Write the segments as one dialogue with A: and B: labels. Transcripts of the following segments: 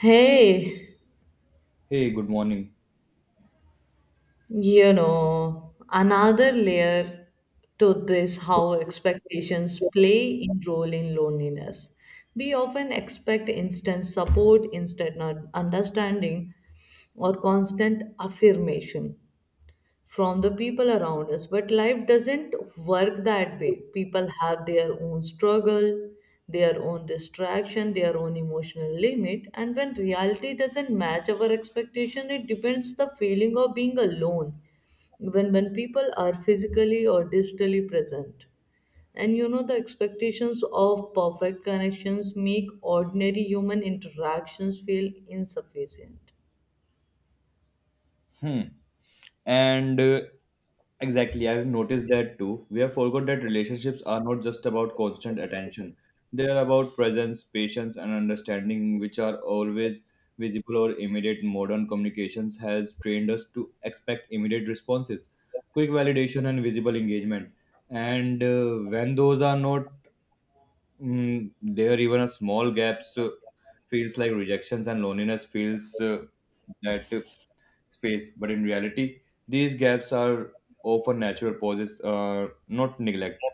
A: Hey,
B: Hey, good morning.
A: another layer to this how expectations play in role in loneliness. We often expect instant support, instant not understanding, or constant affirmation from the people around us. But life doesn't work that way. People have their own struggle, their own distraction, their own emotional limit, and when reality doesn't match our expectation, it depends the feeling of being alone. Even when people are physically or digitally present. And the expectations of perfect connections make ordinary human interactions feel insufficient.
B: Hmm. And exactly, I've noticed that too. We have forgot that relationships are not just about constant attention. They are about presence, patience, and understanding, which are always visible or immediate. Modern communications has trained us to expect immediate responses, quick validation, and visible engagement. And when those are not there even a small gaps feels like rejections, and loneliness feels that space, but in reality these gaps are often natural pauses, not neglect.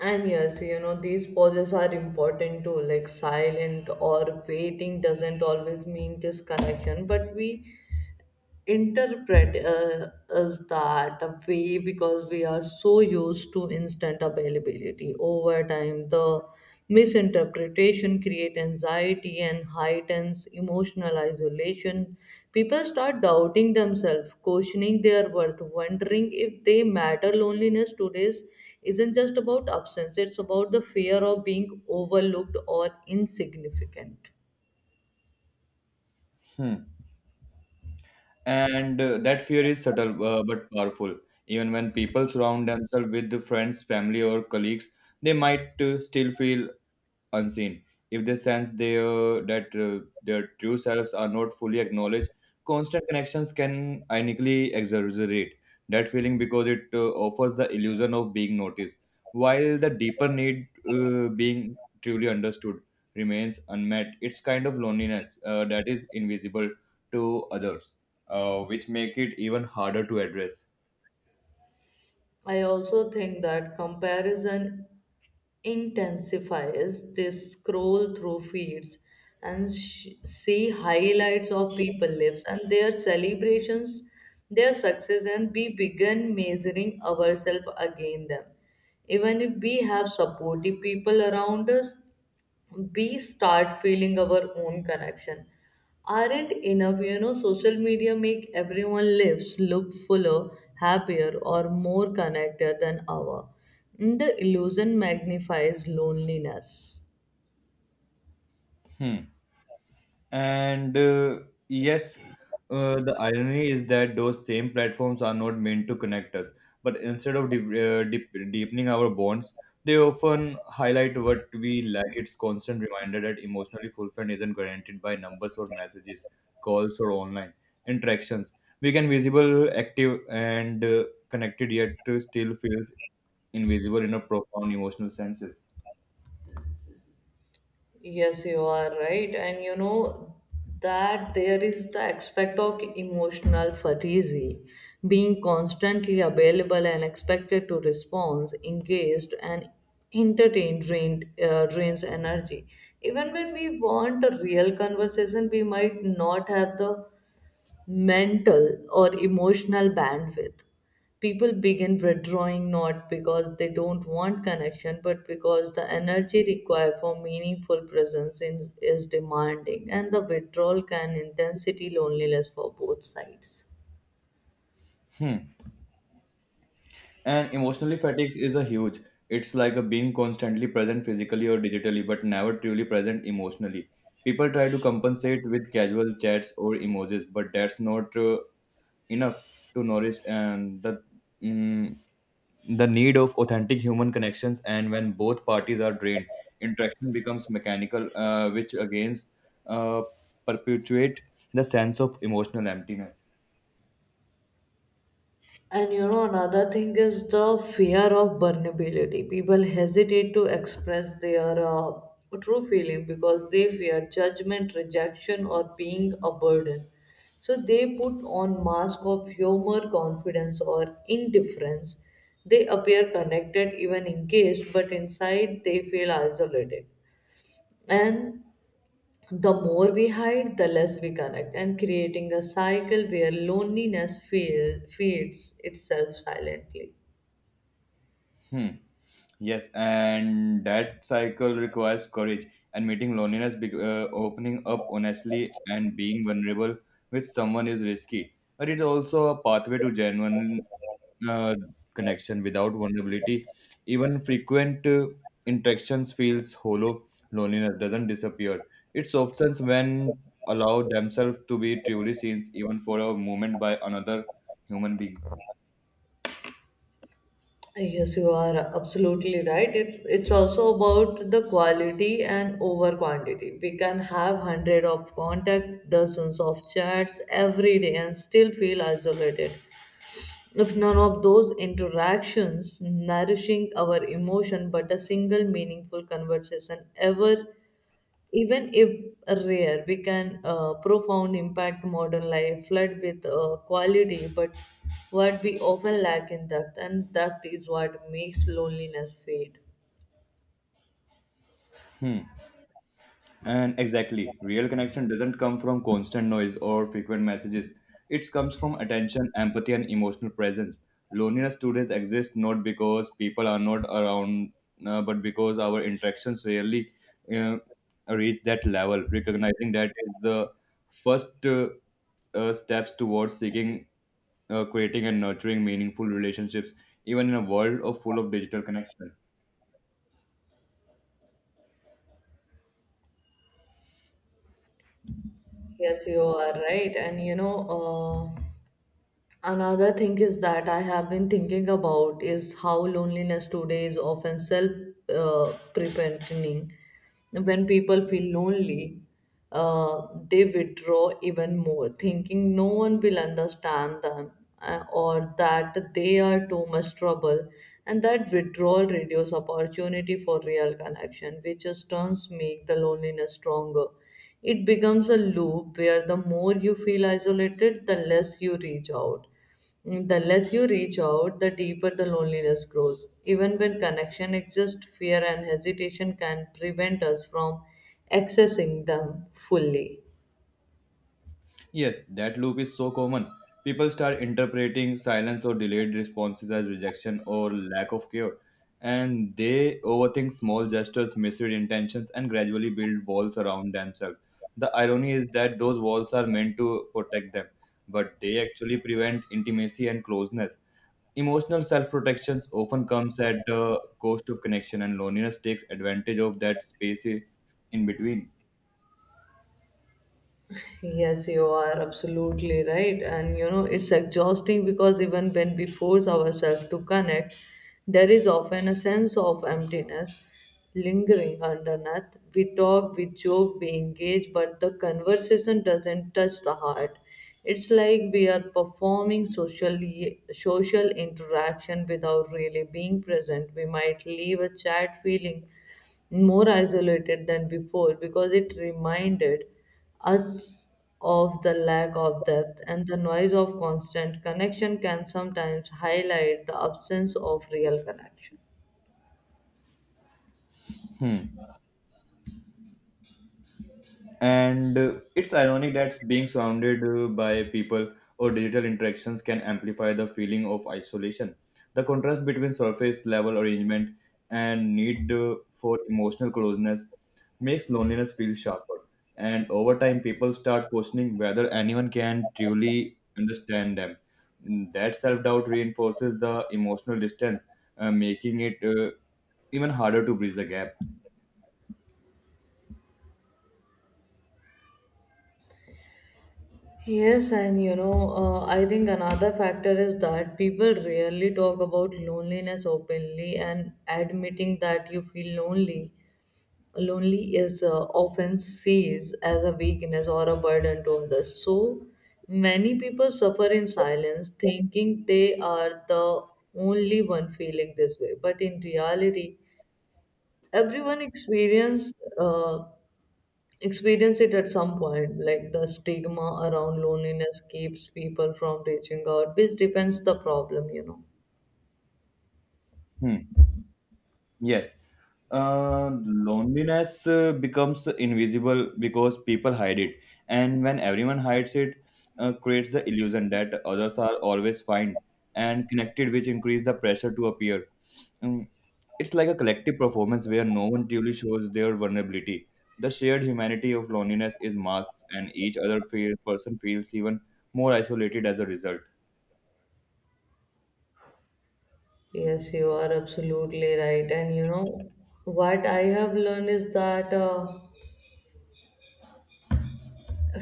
A: And yes, these pauses are important too, like silent or waiting doesn't always mean disconnection, but we interpret us that way because we are so used to instant availability. Over time the misinterpretation create anxiety and heightens emotional isolation. People start doubting themselves, questioning their worth, wondering if they matter. Loneliness today's isn't just about absence, it's about the fear of being overlooked or insignificant.
B: Hmm. And that fear is subtle, but powerful. Even when people surround themselves with the friends, family, or colleagues, they might still feel unseen. If they sense that their true selves are not fully acknowledged, constant connections can ironically exaggerate that feeling, because it offers the illusion of being noticed, while the deeper need, being truly understood, remains unmet. It's kind of loneliness that is invisible to others, which make it even harder to address.
A: I also think that comparison intensifies. They scroll through feeds and see highlights of people lives and their celebrations, their success, and we begin measuring ourselves against them. Even if we have supportive people around us, we start feeling our own connection aren't enough. Social media make everyone lives look fuller, happier, or more connected than ever. The illusion magnifies loneliness.
B: Hmm. And yes, the irony is that those same platforms are not meant to connect us, but instead of deepening our bonds, they often highlight what we lack. It's constant reminder that emotionally fulfillment isn't guaranteed by numbers or messages, calls, or online interactions. We can visible, active, and connected, yet still feels invisible in a profound emotional senses.
A: Yes, you are right. And that there is the aspect of emotional fatigue, being constantly available and expected to respond, engaged and entertained drains energy. Even when we want a real conversation, we might not have the mental or emotional bandwidth. People begin withdrawing not because they don't want connection, but because the energy required for meaningful presence in, is demanding, and the withdrawal can intensity loneliness for both sides.
B: Hmm. And emotionally fatigue is a huge. It's like a being constantly present physically or digitally, but never truly present emotionally. People try to compensate with casual chats or emojis, but that's not enough to nourish and mm, the need of authentic human connections. And when both parties are drained, interaction becomes mechanical, which again uh, perpetuate the sense of emotional emptiness.
A: And another thing is the fear of vulnerability. People hesitate to express their true feeling because they fear judgment, rejection, or being a burden. So they put on mask of humor, confidence, or indifference. They appear connected even engaged, but inside they feel isolated. And the more we hide, the less we connect, and creating a cycle where feeds itself silently.
B: Hmm. Yes, and that cycle requires courage and meeting loneliness. Opening up honestly and being vulnerable with someone is risky, but it's also a pathway to genuine uh, connection. Without vulnerability, even frequent interactions feels hollow. Loneliness doesn't disappear. It softens when allow themselves to be truly seen, even for a moment, by another human being.
A: Yes, you are absolutely right. It's also about the quality and over quantity. We can have hundred of contact, dozens of chats every day, and still feel isolated. If none of those interactions nourishing our emotion, but a single meaningful conversation ever, even if rare, we can profound impact modern life, flood with quality, but what we often lack in depth, and that is what makes loneliness fade.
B: Hmm. And exactly, real connection doesn't come from constant noise or frequent messages. It comes from attention, empathy, and emotional presence. Loneliness today exists not because people are not around, but because our interactions rarely uh, reach that level. Recognizing that is the first, steps towards seeking, creating, and nurturing meaningful relationships, even in a world of full of digital connection.
A: Yes, you are right, and another thing is that I have been thinking about is how loneliness today is often self preventing. When people feel lonely, they withdraw even more, thinking no one will understand them, or that they are too much trouble. And that withdrawal reduces opportunity for real connection, which just turns make the loneliness stronger. It becomes a loop where the more you feel isolated, the less you reach out. The less you reach out, the deeper the loneliness grows. Even when connection exists, fear and hesitation can prevent us from accessing them fully.
B: Yes, that loop is so common. People start interpreting silence or delayed responses as rejection or lack of care, and they overthink small gestures, misread intentions, and gradually build walls around themselves. The irony is that those walls are meant to protect them, but they actually prevent intimacy and closeness. Emotional self protections often comes at the cost of connection, and loneliness takes advantage of that space in between.
A: Yes, you are absolutely right. And it's exhausting because even when we force ourselves to connect, there is often a sense of emptiness lingering underneath. We talk, we joke, we engage, but the conversation doesn't touch the heart. It's like we are performing social interaction without really being present. We might leave a chat feeling more isolated than before because it reminded us of the lack of depth, and the noise of constant connection can sometimes highlight the absence of real connection.
B: Hmm. And it's ironic that being surrounded by people or digital interactions can amplify the feeling of isolation. The contrast between surface level arrangement and need for emotional closeness makes loneliness feel sharper. And over time, people start questioning whether anyone can truly understand them. That self doubt reinforces the emotional distance, making it even harder to bridge the gap.
A: Yes, and I think another factor is that people rarely talk about loneliness openly, and admitting that you feel lonely is often sees as a weakness or a burden to others. So many people suffer in silence, thinking they are the only one feeling this way. But in reality, everyone experience, uh, experience it at some point. Like the stigma around loneliness keeps people from reaching out, which depends the problem,
B: Hmm. Yes. Loneliness becomes invisible because people hide it, and when everyone hides it, creates the illusion that others are always fine and connected, which increase the pressure to appear. Mm, It's like a collective performance where no one truly shows their vulnerability. The shared humanity of loneliness is masked, and person feels even more isolated as a result.
A: Yes, you are absolutely right. And what I have learned is that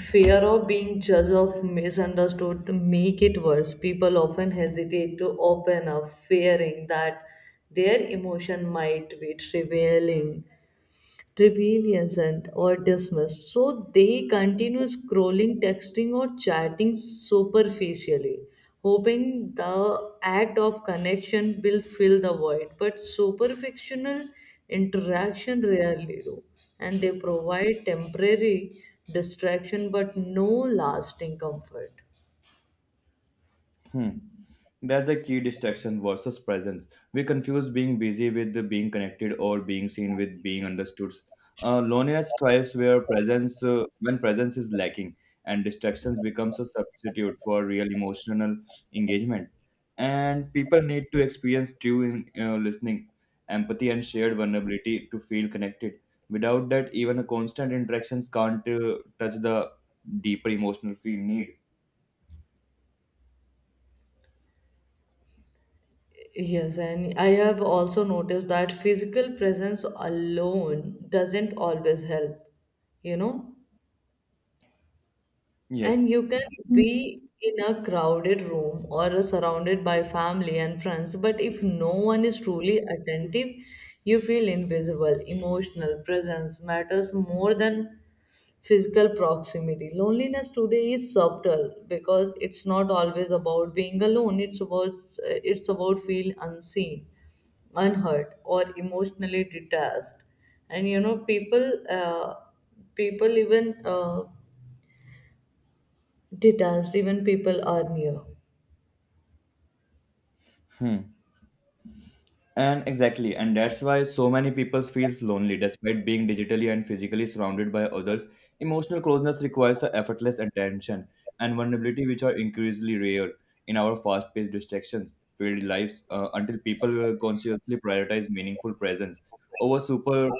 A: fear of being judged or misunderstood to make it worse. People often hesitate to open up, fearing that their emotion might be trivial isn't or dismissed. So they continue scrolling, texting, or chatting superficially, hoping the act of connection will fill the void. But superficial interaction rarely do, and they provide temporary distraction but no lasting comfort.
B: Hmm. That's the key: distraction versus presence. We confuse being busy with the being connected, or being seen with being understood. Loneliness thrives where presence, when presence is lacking, and distractions becomes a substitute for real emotional engagement. And people need to experience true listening, empathy, and shared vulnerability to feel connected. Without that, even a constant interactions can't touch the deeper emotional feel need.
A: Yes, and I have also noticed that physical presence alone doesn't always help, you know.
B: Yes.
A: And you can be in a crowded room or surrounded by family and friends, but if no one is truly attentive, you feel invisible. Emotional presence matters more than physical proximity. Loneliness today is subtle because it's not always about being alone. It's about feeling unseen, unhurt, or emotionally detached. And people even detached even people are near.
B: Hmm. And exactly, and that's why so many people feels lonely despite being digitally and physically surrounded by others. Emotional closeness requires a effortless attention and vulnerability, which are increasingly rare in our fast-paced distractions filled lives. Until people consciously prioritize meaningful presence over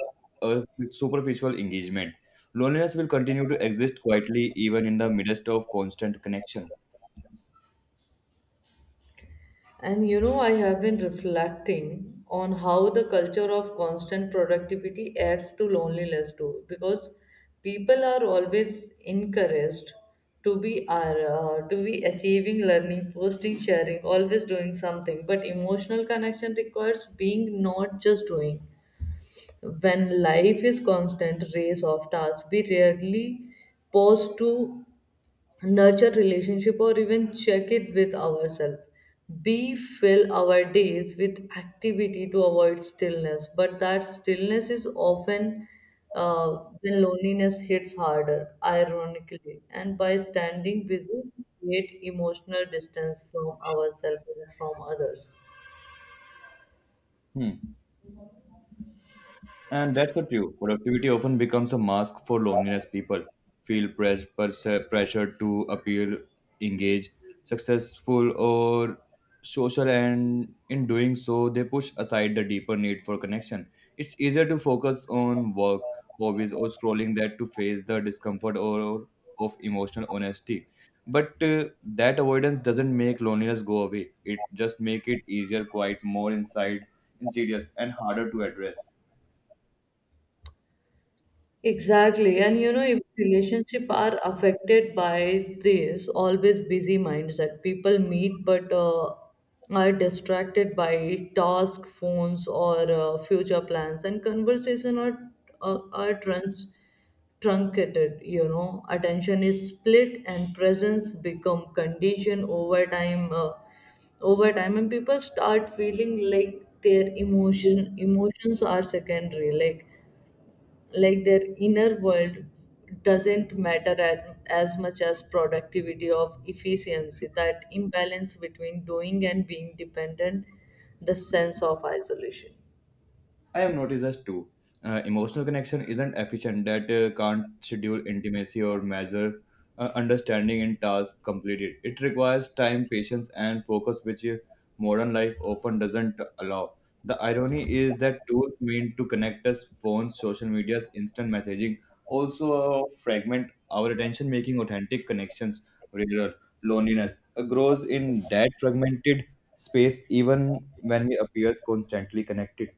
B: uh, superficial engagement, loneliness will continue to exist quietly, even in the midst of constant connection.
A: And I have been reflecting on how the culture of constant productivity adds to loneliness too, because people are always encouraged to be achieving, learning, posting, sharing, always doing something. But emotional connection requires being, not just doing. When life is constant race of tasks, we rarely pause to nurture relationship or even check it with ourselves. We fill our days with activity to avoid stillness, but that stillness is often uh, when loneliness hits harder, ironically. And by standing busy, we create emotional distance from ourselves and from others.
B: Hmm. And that's so true. Productivity often becomes a mask for loneliness. People feel pressured to appear engaged, successful, or social, and in doing so, they push aside the deeper need for connection. It's easier to focus on work, hobbies, or scrolling that to face the discomfort or of emotional honesty. But that avoidance doesn't make loneliness go away. It just make it easier, insidious, and harder to address.
A: Exactly. And if relationship are affected by this always busy minds, that people meet but are distracted by task, phones, or future plans, and conversation are truncated, attention is split and presence become conditioned over time. And people start feeling like their emotions are secondary, like their inner world doesn't matter at, as much as productivity of efficiency. That imbalance between doing and being dependent the sense of isolation.
B: I have noticed this too. Emotional connection isn't efficient. That can't schedule intimacy or measure understanding in tasks completed. It requires time, patience, and focus, which modern life often doesn't allow. The irony is that tools meant to connect us, phones, social medias, instant messaging, also fragment our attention, making authentic connections rarer. Loneliness grows in that fragmented space, even when we appear constantly connected.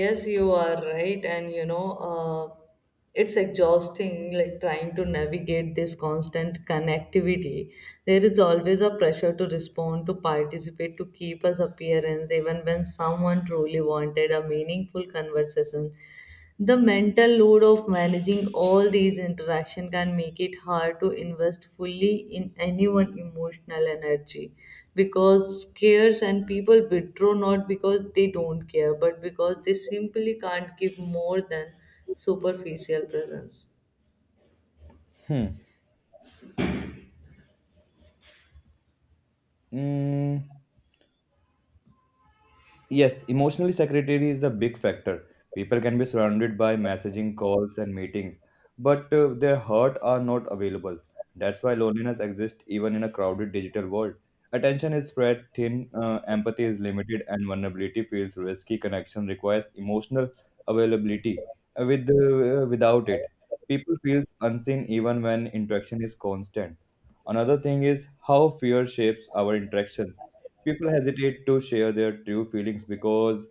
A: Yes, you are right. And uh, it's exhausting, like trying to navigate this constant connectivity. There is always a pressure to respond, to participate, to keep as appearance, even when someone truly wanted a meaningful conversation. The mental load of managing all these interactions can make it hard to invest fully in anyone's emotional energy because scares. And people withdraw not because they don't care, but because they simply can't give more than superficial presence.
B: Hmm. Mm, yes, emotionally secretary is a big factor. People can be surrounded by messaging, calls, and meetings, but their heart are not available. That's why loneliness exists even in a crowded digital world. Attention is spread thin, empathy is limited, and vulnerability feels risky. Connection requires emotional availability. Without it, people feel unseen even when interaction is constant. Another thing is how fear shapes our interactions. People hesitate to share their true feelings because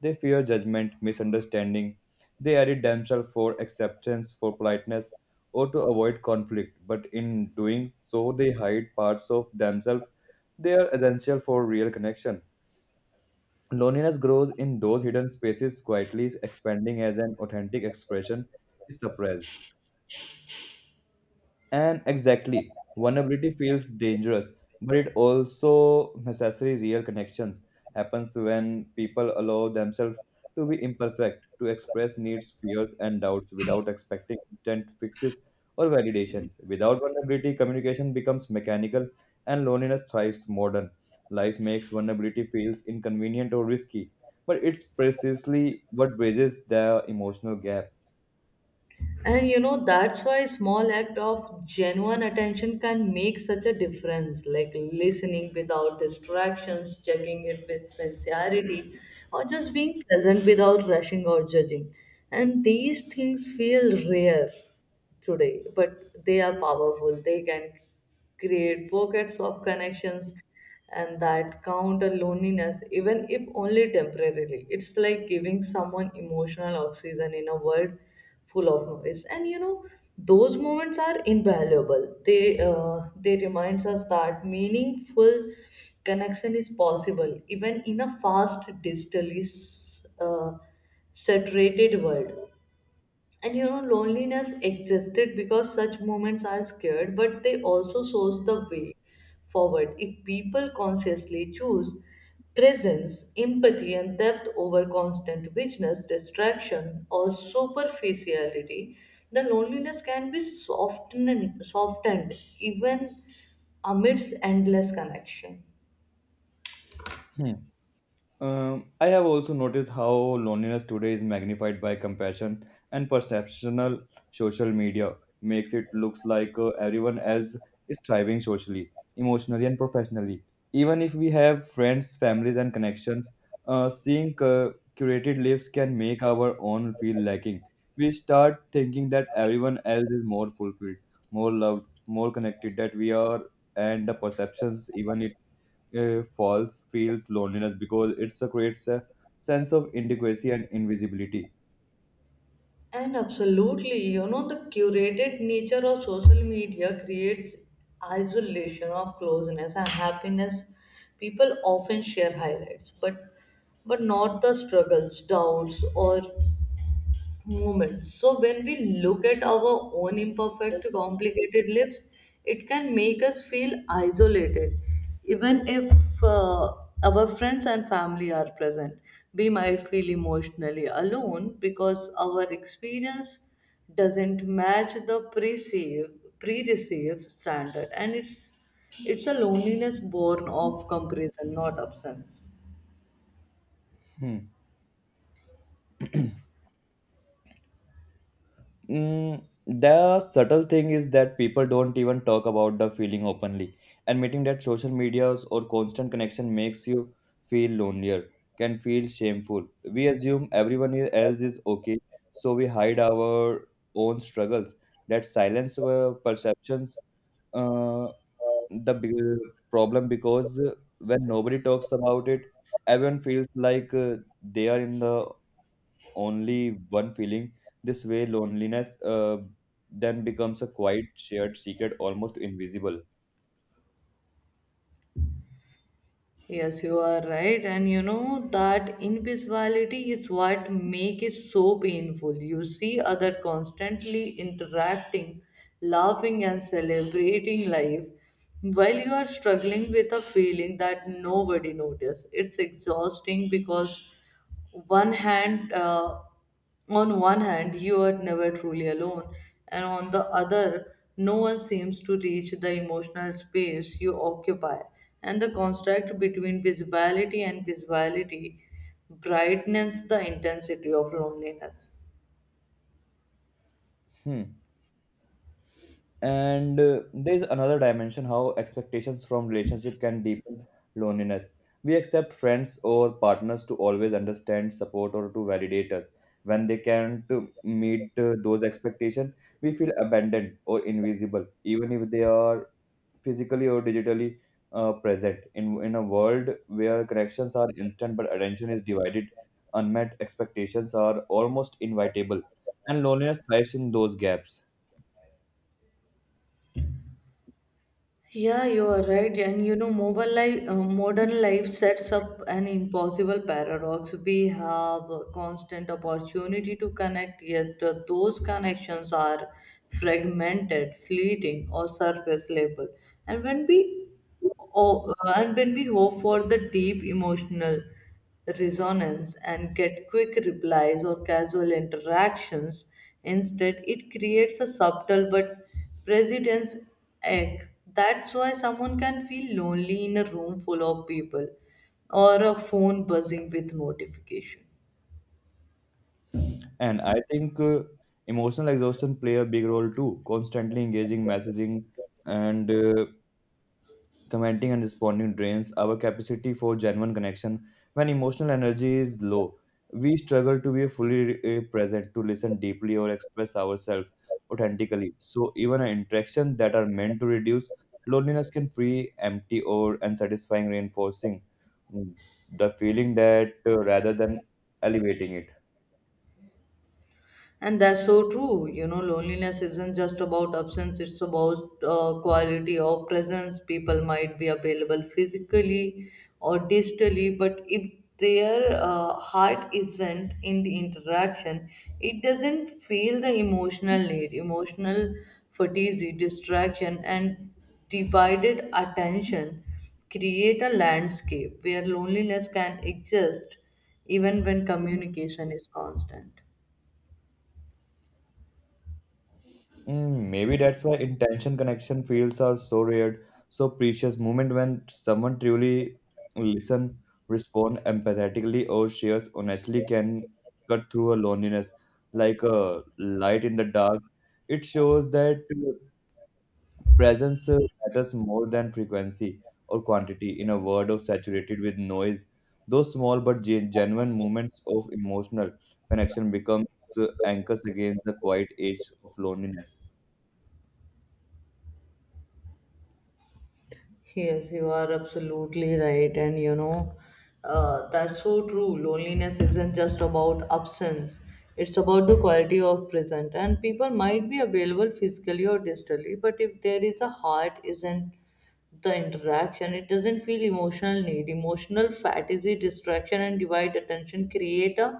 B: they fear judgment, misunderstanding. They edit themselves for acceptance, for politeness, or to avoid conflict. But in doing so, they hide parts of themselves. They are essential for real connection. Loneliness grows in those hidden spaces quietly, expanding as an authentic expression is suppressed. And exactly, vulnerability feels dangerous, but it also necessary. Real connections happens when people allow themselves to be imperfect, to express needs, fears, and doubts without expecting instant fixes or validations. Without vulnerability, communication becomes mechanical, and loneliness thrives modern. Life makes vulnerability feels inconvenient or risky, but it's precisely what bridges the emotional gap.
A: And that's why small act of genuine attention can make such a difference, like listening without distractions, checking it with sincerity, or just being present without rushing or judging. And these things feel rare today, but they are powerful. They can create pockets of connections, and that counter loneliness, even if only temporarily. It's like giving someone emotional oxygen in a world full of noise. And those moments are invaluable. They reminds us that meaningful connection is possible, even in a fast, digitally saturated world. And loneliness existed because such moments are scared, but they also shows the way forward. If people consciously choose presence, empathy, and depth over constant richness, distraction, or superficiality, the loneliness can be softened even amidst endless connection.
B: Hmm. I have also noticed how loneliness today is magnified by compassion and perceptional social media makes it looks like everyone else is thriving socially, emotionally, and professionally. Even if we have friends, families, and connections, seeing curated lives can make our own feel lacking. We start thinking that everyone else is more fulfilled, more loved, more connected. That we are, and the perceptions even it falls feels loneliness because it creates a sense of inadequacy and invisibility.
A: And absolutely, the curated nature of social media creates isolation of closeness and happiness. People often share highlights, but not the struggles, doubts, or moment. So when we look at our own imperfect, complicated lives, it can make us feel isolated, even if uh, our friends and family are present. We might feel emotionally alone because our experience doesn't match the pre-receive standard, and it's a loneliness born of comparison, not absence.
B: Hmm. The subtle thing is that people don't even talk about the feeling openly. Admitting that social medias or constant connection makes you feel lonelier can feel shameful. We assume everyone else is okay, so we hide our own struggles. That silence, perceptions, uh, the big problem, because when nobody talks about it, everyone feels like they are in the only one feeling. This way, loneliness then becomes a quiet, shared secret, almost invisible.
A: Yes, you are right. And that invisibility is what make it so painful. You see other constantly interacting, laughing and celebrating life while you are struggling with a feeling that nobody notices. It's exhausting because one hand on one hand, you are never truly alone, and on the other, no one seems to reach the emotional space you occupy. And the contrast between visibility and visibility brightens the intensity of loneliness.
B: Hmm. And there's another dimension: how expectations from relationship can deepen loneliness. We accept friends or partners to always understand, support, or to validate us. When they can't meet those expectations, we feel abandoned or invisible, even if they are physically or digitally present. In a world where connections are instant but attention is divided, unmet expectations are almost inevitable, and loneliness thrives in those gaps.
A: Yeah, you are right. And modern life sets up an impossible paradox. We have a constant opportunity to connect, yet those connections are fragmented, fleeting, or surface level. And when we Oh, and when we hope for the deep emotional resonance and get quick replies or casual interactions instead, it creates a subtle but president's egg. That's why someone can feel lonely in a room full of people or a phone buzzing with notification.
B: And I think emotional exhaustion play a big role too. Constantly engaging, messaging, and commenting and responding drains our capacity for genuine connection. When emotional energy is low, we struggle to be fully present, to listen deeply, or express ourselves authentically. So even an interaction that are meant to reduce loneliness can feel empty, or unsatisfying, reinforcing mm, the feeling that rather than elevating it.
A: And that's so true. You know, loneliness isn't just about absence, it's about quality of presence. People might be available physically or digitally, but if their heart isn't in the interaction, it doesn't feel the emotional need. Emotional fatigue, distraction, and divided attention create a landscape where loneliness can exist even when communication is constant.
B: Maybe that's why intention connection feels are so rare, so precious moment when someone truly listen, respond empathetically, or shares honestly can cut through a loneliness like a light in the dark. It shows that presence matters more than frequency or quantity in a world of saturated with noise. Those small but genuine moments of emotional connection becomes anchors against the quiet edge of loneliness.
A: Yes, you are absolutely right. And you know, that's so true. Loneliness isn't just about absence, it's about the quality of present. And people might be available physically or digitally, but if there is a heart, isn't the interaction, it doesn't feel emotional need. Emotional fatigue, distraction, and divide attention create a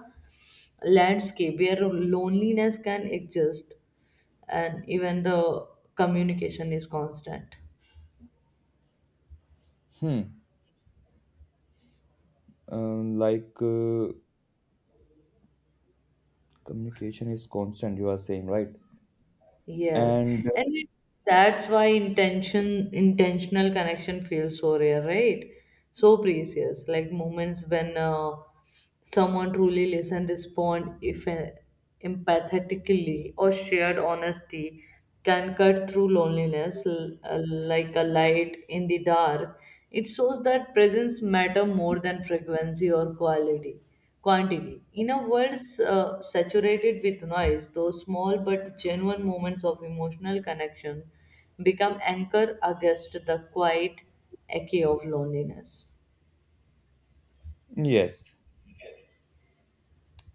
A: landscape where loneliness can exist and even the communication is constant.
B: Hmm. Like, communication is constant, you are saying, right?
A: Yes,
B: And
A: and it- that's why intentional connection feels so rare, right? So precious, like moments when someone truly listen, respond, if empathetically or shared honesty can cut through loneliness like a light in the dark. It shows that presence matter more than frequency or quality. Quantity. In a world saturated with noise, those small but genuine moments of emotional connection become anchor against the quiet echo of loneliness.
B: yes,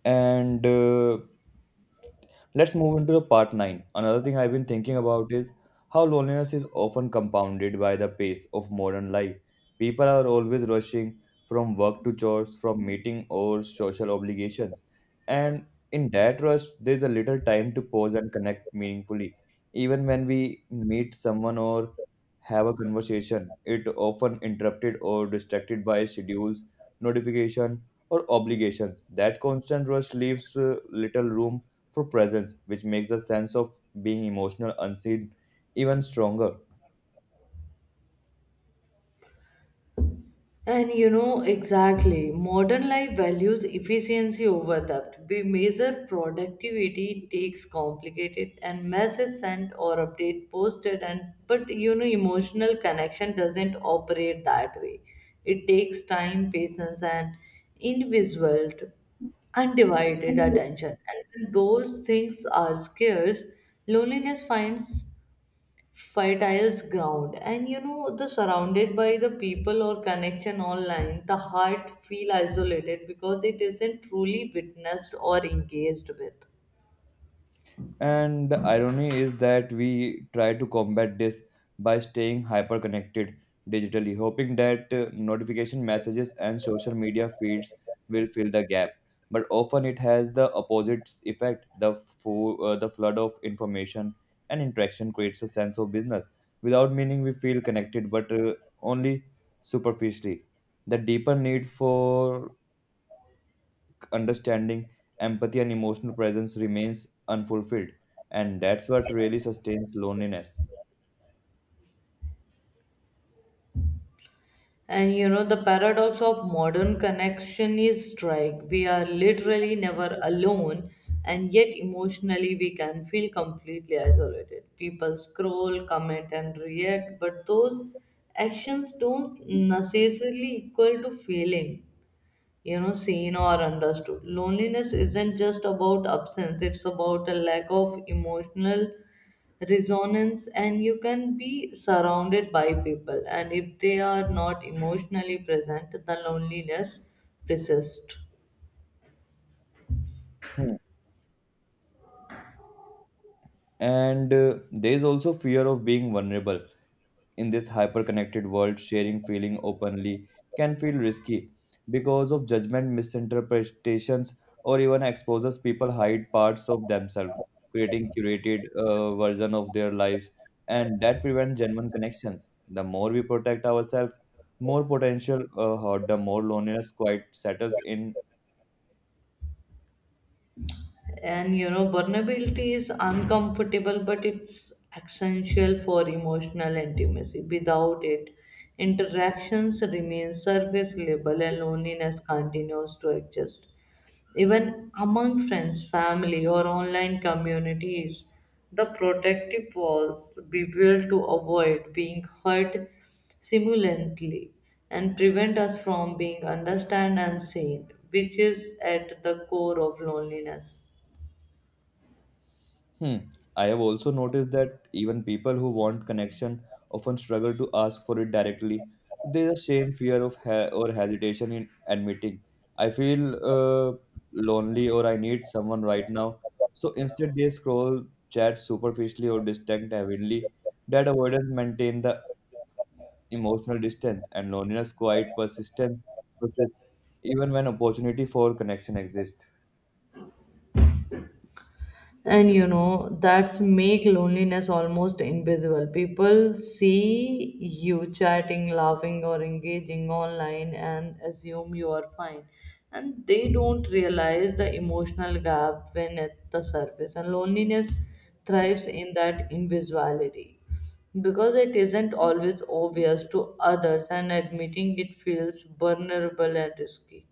B: and let's move into the part 9. Another thing I've been thinking about is how loneliness is often compounded by the pace of modern life. People are always rushing from work to chores, from meeting or social obligations. And in that rush, there's a little time to pause and connect meaningfully. Even when we meet someone or have a conversation, it often interrupted or distracted by schedules, notification, or obligations. That constant rush leaves little room for presence, which makes the sense of being emotional unseen even stronger.
A: And you know, exactly, modern life values efficiency over depth. We measure productivity, takes complicated and message sent or update posted, and but you know, emotional connection doesn't operate that way. It takes time, patience, and individual undivided attention. And when those things are scarce, loneliness finds fertile ground. And you know, the surrounded by the people or connection online, the heart feel isolated because it isn't truly witnessed or engaged with.
B: And the irony is that we try to combat this by staying hyper connected digitally, hoping that notification messages and social media feeds will fill the gap. But often it has the opposite effect. The flood of information and interaction creates a sense of business. Without meaning, we feel connected, but only superficially. The deeper need for understanding, empathy, and emotional presence remains unfulfilled. And that's what really sustains loneliness.
A: And you know, the paradox of modern connection is strike. We are literally never alone, and yet emotionally we can feel completely isolated. People scroll, comment, and react, but those actions don't necessarily equal to feeling, you know, seen or understood. Loneliness isn't just about absence, it's about a lack of emotional resonance. And you can be surrounded by people, and if they are not emotionally present, the loneliness persists.
B: Hmm. And there is also fear of being vulnerable. In this hyper connected world, sharing feeling openly can feel risky because of judgment, misinterpretations, or even exposes. People hide parts of themselves, creating curated version of their lives, and that prevents genuine connections. The more we protect ourselves, more potential hurt, the more loneliness quite settles in.
A: And you know, vulnerability is uncomfortable, but it's essential for emotional intimacy. Without it, interactions remain surface level and loneliness continues to exist. Even among friends, family, or online communities, the protective walls reveal to avoid being hurt simultaneously and prevent us from being understood and seen, which is at the core of loneliness.
B: Hmm. I have also noticed that even people who want connection often struggle to ask for it directly. There's a shame, fear of ha- or hesitation in admitting. I feel lonely or I need someone right now. So instead, they scroll, chat superficially or distant, heavily. That avoidance maintain the emotional distance and loneliness quite persist even when opportunity for connection exists.
A: And you know, that's make loneliness almost invisible. People see you chatting, laughing, or engaging online and assume you are fine, and they don't realize the emotional gap when at the surface. And loneliness thrives in that invisibility because it isn't always obvious to others, and admitting it feels vulnerable and risky.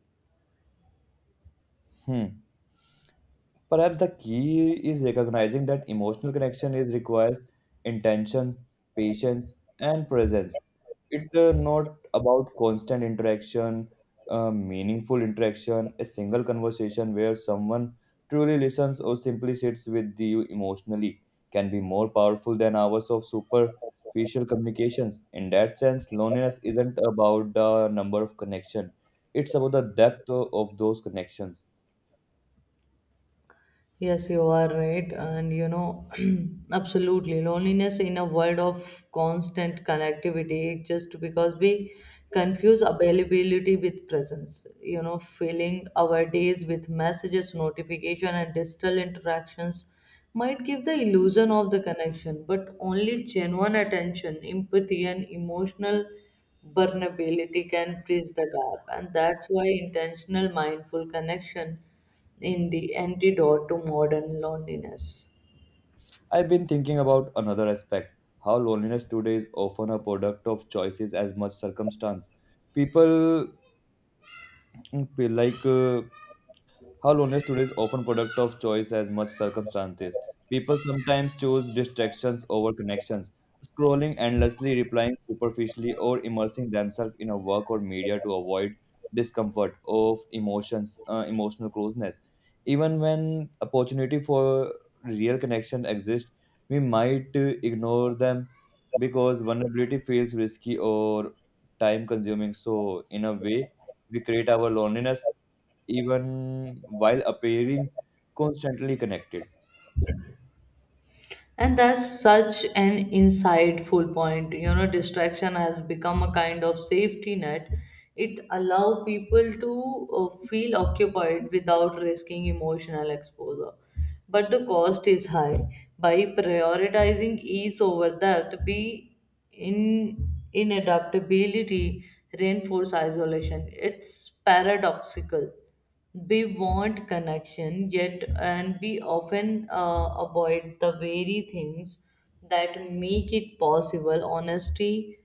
B: Hmm. Perhaps the key is recognizing that emotional connection is requires intention, patience, and presence. It's not about constant interaction, meaningful interaction, a single conversation where someone truly listens or simply sits with you emotionally can be more powerful than hours of superficial communications. In that sense, loneliness isn't about the number of connection; it's about the depth of those connections.
A: Yes, you are right. And you know, absolutely, loneliness in a world of constant connectivity, just because we confuse availability with presence. You know, filling our days with messages, notification, and digital interactions might give the illusion of the connection, but only genuine attention, empathy, and emotional vulnerability can bridge the gap. And that's why intentional, mindful connection in the antidote to modern loneliness.
B: I've been thinking about another aspect, how loneliness today is often a product of choices as much circumstance. People mm, feel like how loneliness today is often product of choice as much circumstances. People sometimes choose distractions over connections, scrolling endlessly, replying superficially, or immersing themselves in a work or media to avoid discomfort of emotional closeness. Even when opportunity for real connection exists, we might ignore them because vulnerability feels risky or time consuming. So, in a way, we create our loneliness even while appearing constantly connected.
A: And that's such an insightful point. You know, distraction has become a kind of safety net. It allows people to feel occupied without risking emotional exposure. But the cost is high. By prioritizing ease over that, we in inadaptability reinforce isolation. It's paradoxical. We want connection, yet, and we often avoid the very things that make it possible honesty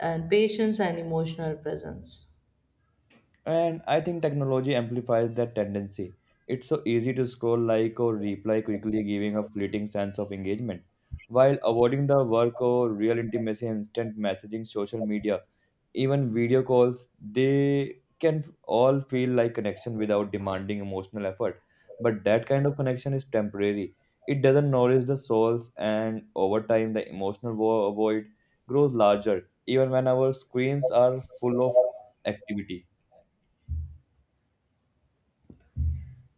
A: and patience and emotional presence.
B: And I think technology amplifies that tendency. It's so easy to scroll, like, or reply quickly, giving a fleeting sense of engagement, while avoiding the work or real intimacy, instant messaging, social media, even video calls, they can all feel like connection without demanding emotional effort, but that kind of connection is temporary. It doesn't nourish the souls, and over time the emotional void grows larger even when our screens are full of activity.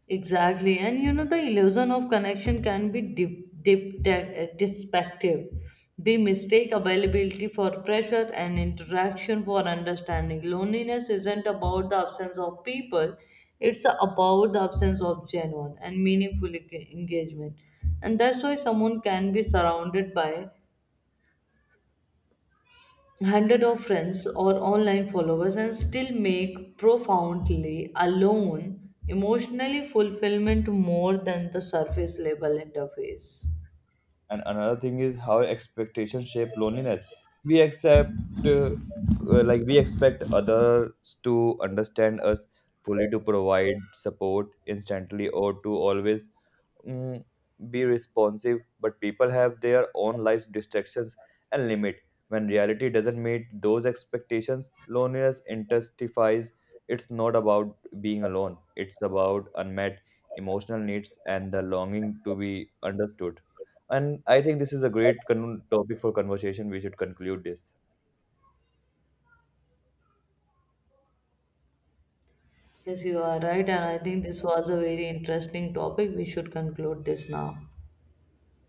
A: Exactly, and you know the illusion of connection can be deceptive. They mistake availability for pressure and interaction for understanding. Loneliness isn't about the absence of people; it's about the absence of genuine and meaningful engagement. And that's why someone can be surrounded by hundred of friends or online followers and still make profoundly alone emotionally fulfillment more than the surface level interface.
B: And another thing is how expectations shape loneliness. We accept, uh, like we expect others to understand us fully, to provide support instantly, or to always, mm, be responsive, but people have their own lives, distractions, and limit. When reality doesn't meet those expectations, loneliness intensifies. It's not about being alone, it's about unmet emotional needs and the longing to be understood. And I think this is a great topic for conversation. We should conclude this.
A: Yes, you are right, and I think this was a very interesting topic. We should conclude this now.